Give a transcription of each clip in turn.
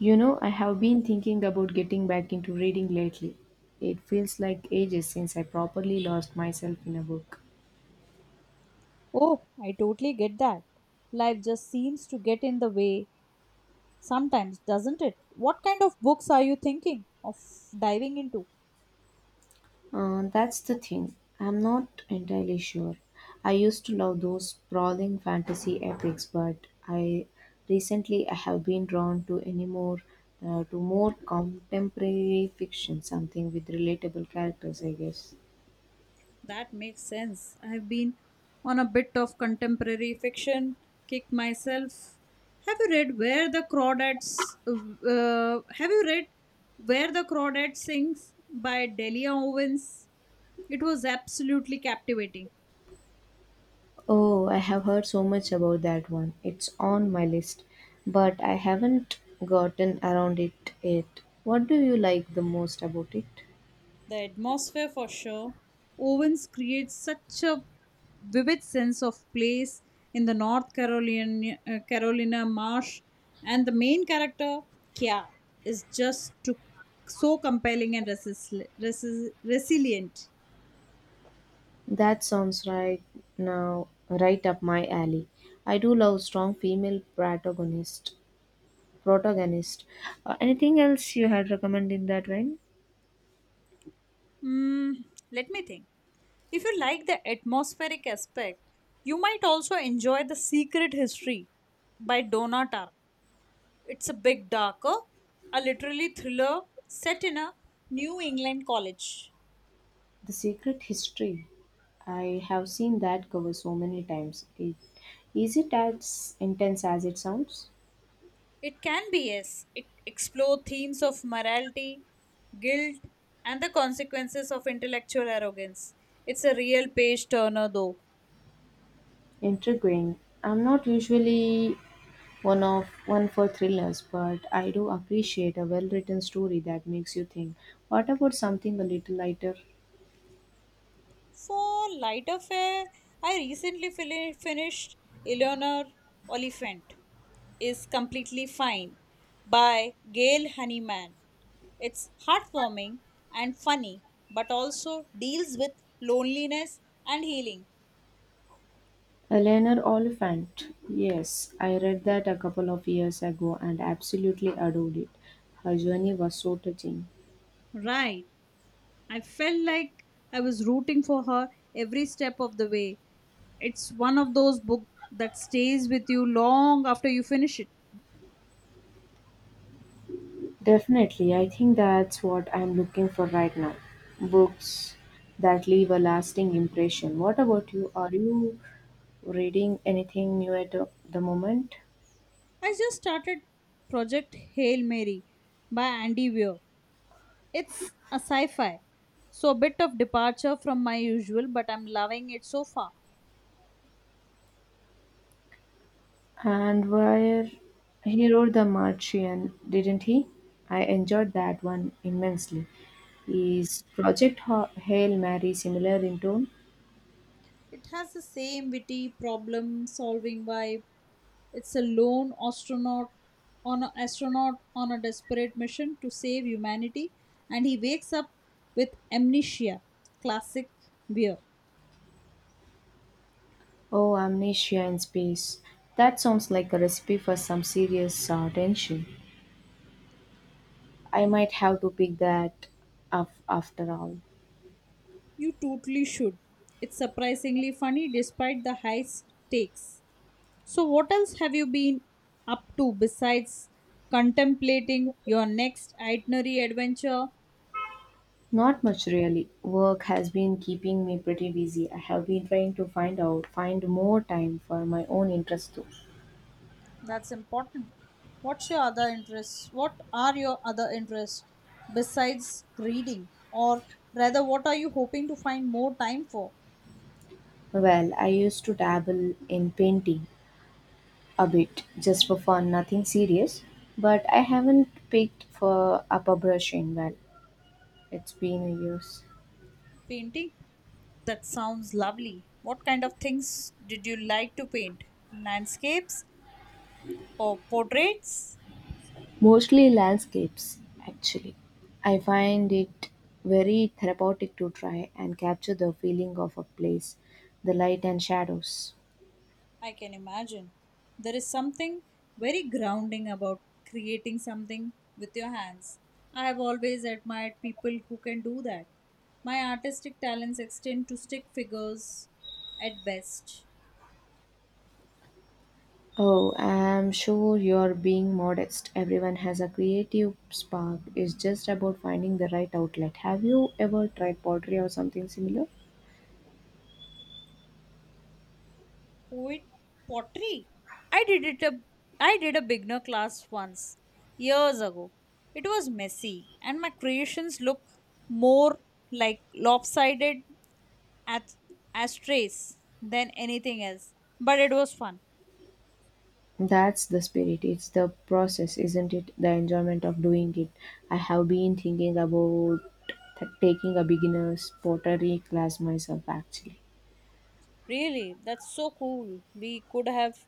You know, I have been thinking about getting back into reading lately. It feels like ages since I properly lost myself in a book. Oh, I totally get that. Life just seems to get in the way sometimes, doesn't it? What kind of books are you thinking of diving into? That's the thing. I'm not entirely sure. I used to love those sprawling fantasy epics, but I recently I have been drawn to any more to more contemporary fiction, something with relatable characters, I guess. That makes sense. I've been on a bit of contemporary fiction kick myself. Have you read Where the Crawdad Sings by Delia Owens? It was absolutely captivating. Oh, I have heard so much about that one. It's on my list, but I haven't gotten around it yet. What do you like the most about it? The atmosphere, for sure. Owens creates such a vivid sense of place in the Carolina marsh, and the main character, Kya, is so compelling and resilient. That sounds right now right up my alley. I do love strong female protagonist. Protagonist. Anything else you had recommended in that vein? Mm, let me think. If you like the atmospheric aspect, you might also enjoy The Secret History by Donna Tartt. It's a bit darker, a literary thriller set in a New England college. The Secret History. I have seen that cover so many times. It, is it as intense as it sounds? It can be, yes. It explores themes of morality, guilt, and the consequences of intellectual arrogance. It's a real page turner, though. Intriguing. I'm not usually one for thrillers, but I do appreciate a well-written story that makes you think. What about something a little lighter? For lighter fare, I recently finished Eleanor Oliphant is Completely Fine by Gail Honeyman. It's heartwarming and funny, but also deals with loneliness and healing. A Eleanor Oliphant. Yes, I read that a couple of years ago and absolutely adored it. Her journey was so touching. Right. I felt like I was rooting for her every step of the way. It's one of those books that stays with you long after you finish it. Definitely, I think that's what I'm looking for right now. Books that leave a lasting impression. What about you? Are you reading anything new at the moment? I just started Project Hail Mary by Andy Weir. It's a sci fi, so a bit of departure from my usual, but I'm loving it so far. And where he wrote The Martian, didn't he? I enjoyed that one immensely. Is Project Hail Mary similar in tone? It has the same witty problem solving vibe. It's a lone astronaut on an astronaut on a desperate mission to save humanity and he wakes up with amnesia. Classic Weir. Oh, Amnesia in Space. That sounds like a recipe for some serious tension. I might have to pick that up after all. You totally should. It's surprisingly funny despite the high stakes. So, what else have you been up to besides contemplating your next itinerary adventure? Not much really. Work has been keeping me pretty busy. I have been trying to find more time for my own interests too. That's important. What are your other interests besides reading? Or rather, what are you hoping to find more time for? Well, I used to dabble in painting, a bit, just for fun, nothing serious. But I haven't picked for up a brush in well. It's been a years. Painting? That sounds lovely. What kind of things did you like to paint? Landscapes or portraits? Mostly landscapes, actually. I find it very therapeutic to try and capture the feeling of a place, the light and shadows. I can imagine. There is something very grounding about creating something with your hands. I have always admired people who can do that. My artistic talents extend to stick figures at best. Oh, I'm sure you're being modest. Everyone has a creative spark. It's just about finding the right outlet. Have you ever tried pottery or something similar? Poet pottery. I did it a I did a beginner class once years ago. It was messy and my creations look more like lopsided at ashtrays than anything else, but it was fun. That's the spirit. It's the process, isn't it? The enjoyment of doing it. I have been thinking about taking a beginner's pottery class myself, actually. Really, that's so cool.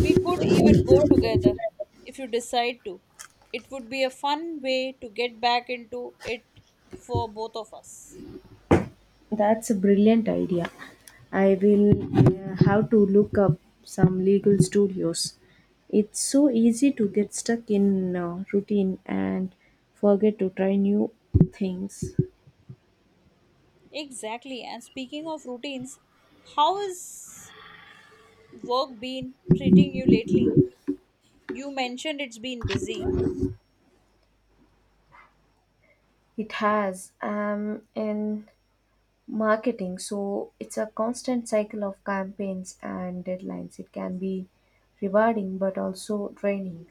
We could even go together if you decide to. It would be a fun way to get back into it for both of us. That's a brilliant idea. I will have to look up some legal studios. It's so easy to get stuck in routine and forget to try new things. Exactly. And speaking of routines, how has work been treating you lately? You mentioned it's been busy. It has. And marketing, so it's a constant cycle of campaigns and deadlines. It can be rewarding but also draining.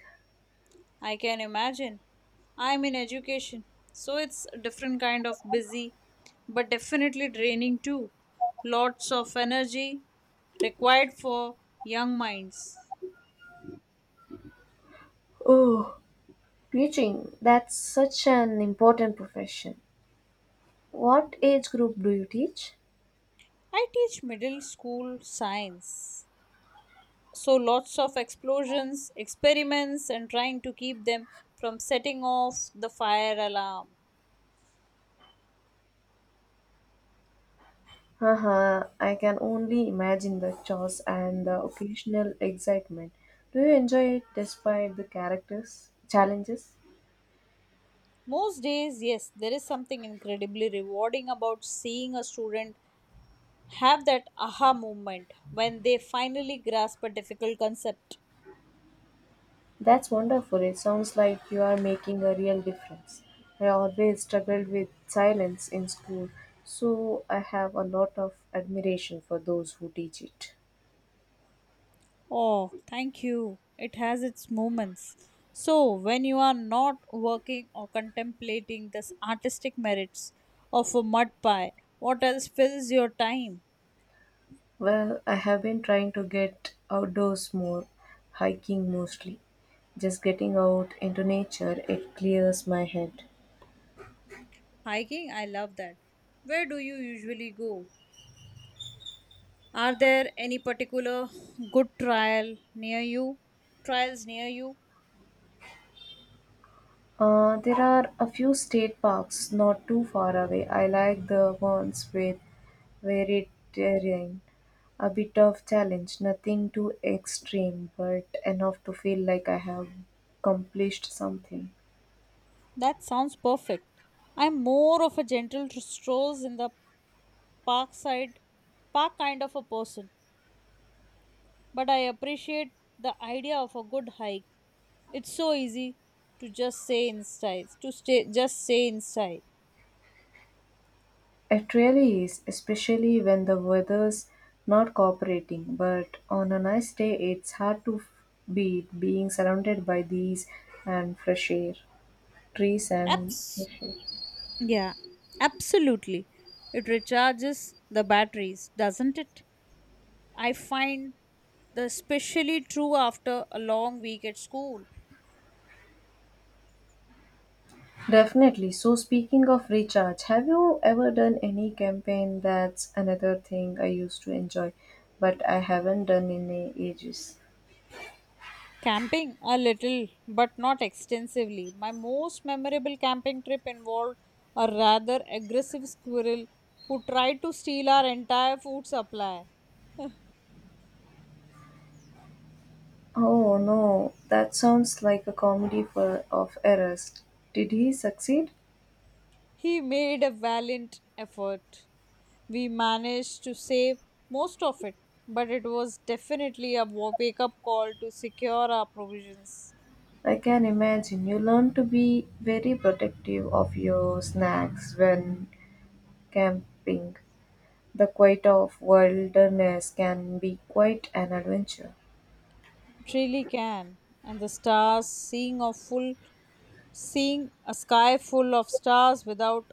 I can imagine. I'm in education, so it's a different kind of busy, but definitely draining too. Lots of energy required for young minds. Oh, teaching, that's such an important profession. What age group do you teach? I teach middle school science, so lots of explosions, experiments, and trying to keep them from setting off the fire alarm. Haha, I can only imagine the chores and the occasional excitement. Do you enjoy it despite the characters challenges? Most days, yes, there is something incredibly rewarding about seeing a student have that aha moment when they finally grasp a difficult concept. That's wonderful. It sounds like you are making a real difference. I always struggled with silence in school, so I have a lot of admiration for those who teach it. Oh, thank you. It has its moments. So, when you are not working or contemplating the artistic merits of a mud pie, what else fills your time? Well, I have been trying to get outdoors more, hiking mostly. Just getting out into nature, it clears my head. Hiking, I love that. Where do you usually go? Are there any particular good trial near you? Trials near you? There are a few state parks not too far away. I like the ones with varied terrain. A bit of challenge, nothing too extreme, but enough to feel like I have accomplished something. That sounds perfect. I'm more of a strolls in the parkside park kind of a person, but I appreciate the idea of a good hike. It's so easy to stay just say in style. It really is, especially when the weather's not cooperating, but on a nice day, it's hard to beat being surrounded by these and fresh air, trees and Abs- fresh air. yeah, absolutely. It recharges the batteries, doesn't it? I find the especially true after a long week at school. Definitely. So, speaking of recharge, have you ever done any campaign? That's another thing I used to enjoy, but I haven't done in ages. Camping a little, but not extensively. My most memorable camping trip involved a rather aggressive squirrel who tried to steal our entire food supply. Oh no, that sounds like a comedy of errors. Did he succeed? He made a valiant effort. We managed to save most of it, but it was definitely a wake up call to secure our provisions. I can imagine you learn to be very protective of your snacks when camping. The quiet of wilderness can be quite an adventure. It really can. And the stars, seeing a sky full of stars without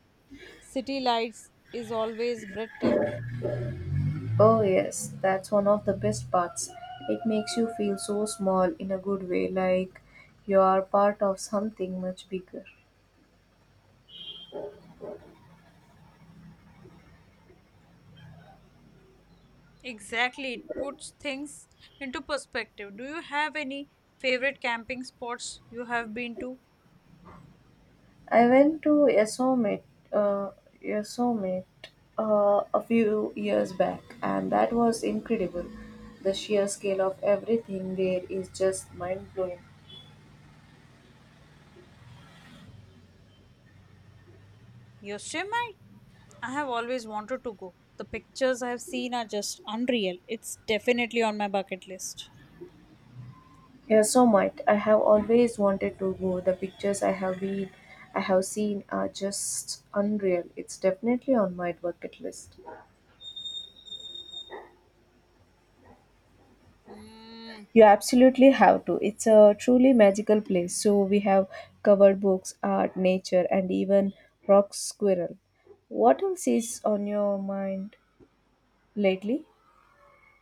city lights is always breathtaking. Oh, yes, that's one of the best parts. It makes you feel so small in a good way, like you are part of something much bigger. Exactly, it puts things into perspective. Do you have any favorite camping spots you have been to? I went to Yosemite, uh, Yosemite a few years back, and that was incredible. The sheer scale of everything there is just mind blowing. Yosemite? I have always wanted to go. The pictures I have seen are just unreal. It's definitely on my bucket list. Yosemite, I have always wanted to go. The pictures I have seen are just unreal. It's definitely on my bucket list. Hmm. You absolutely have to. It's a truly magical place. So we have covered books, art, nature, and even rock squirrel. What else is on your mind lately?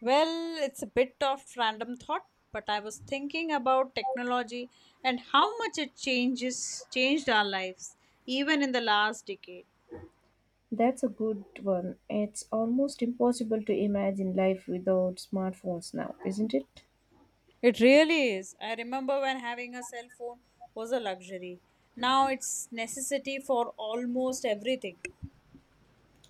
Well, it's a bit of random thought, but I was thinking about technology and how much it changes changed our lives even in the last decade. That's a good one. It's almost impossible to imagine life without smartphones now, isn't it? It really is. I remember when having a cell phone was a luxury. Now it's necessity for almost everything.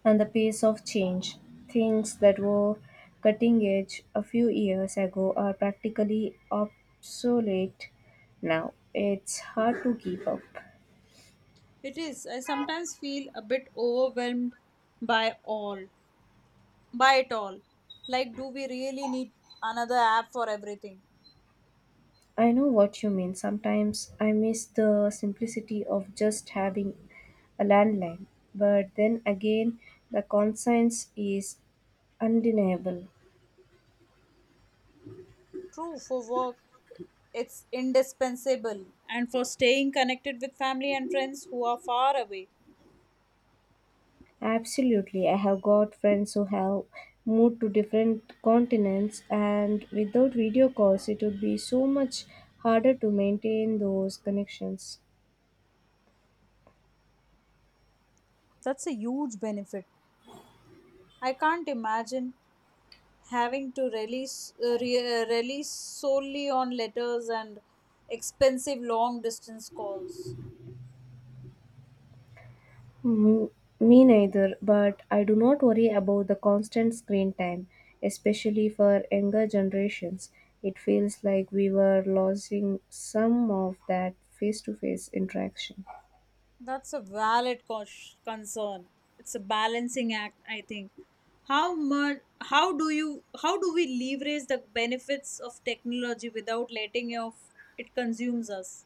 And the pace of change. Things that were cutting edge a few years ago are practically obsolete now. It's hard to keep up. It is. I sometimes feel a bit by all, by it all. Like, do we really need another app for everything? I know what you mean. Sometimes I miss the simplicity of just having a landline, but then again, the conscience is undeniable. True, for work, it's indispensable, and for staying connected with family and friends who are far away. Absolutely, I have got friends who have moved to different continents, and without video calls, it would be so much harder to maintain those connections. That's a huge benefit. I can't imagine having to rely solely on letters and expensive long distance calls. Mm, me neither, but I do not worry about the constant screen time, especially for younger generations. It feels like we were losing some of that face to face interaction. That's a concern. It's a balancing act, I think. How much? How do you? How do we leverage the benefits of technology without letting off it consumes us?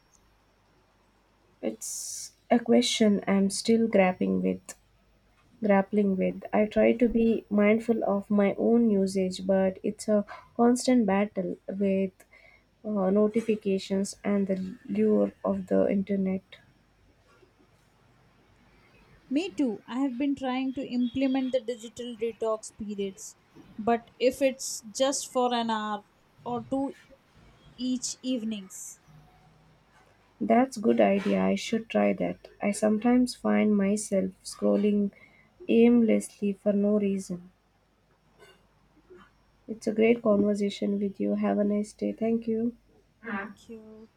It's a question I'm still grappling with. Grappling with. I try to be mindful of my own usage, but it's a constant battle with notifications and the lure of the internet. Me too. I have been trying to implement the digital detox periods, but if it's just for an hour or two each evenings, That's good idea. I should try that. I sometimes find myself scrolling aimlessly for no reason. It's a great conversation with you. Have a nice day. Thank you. Thank you.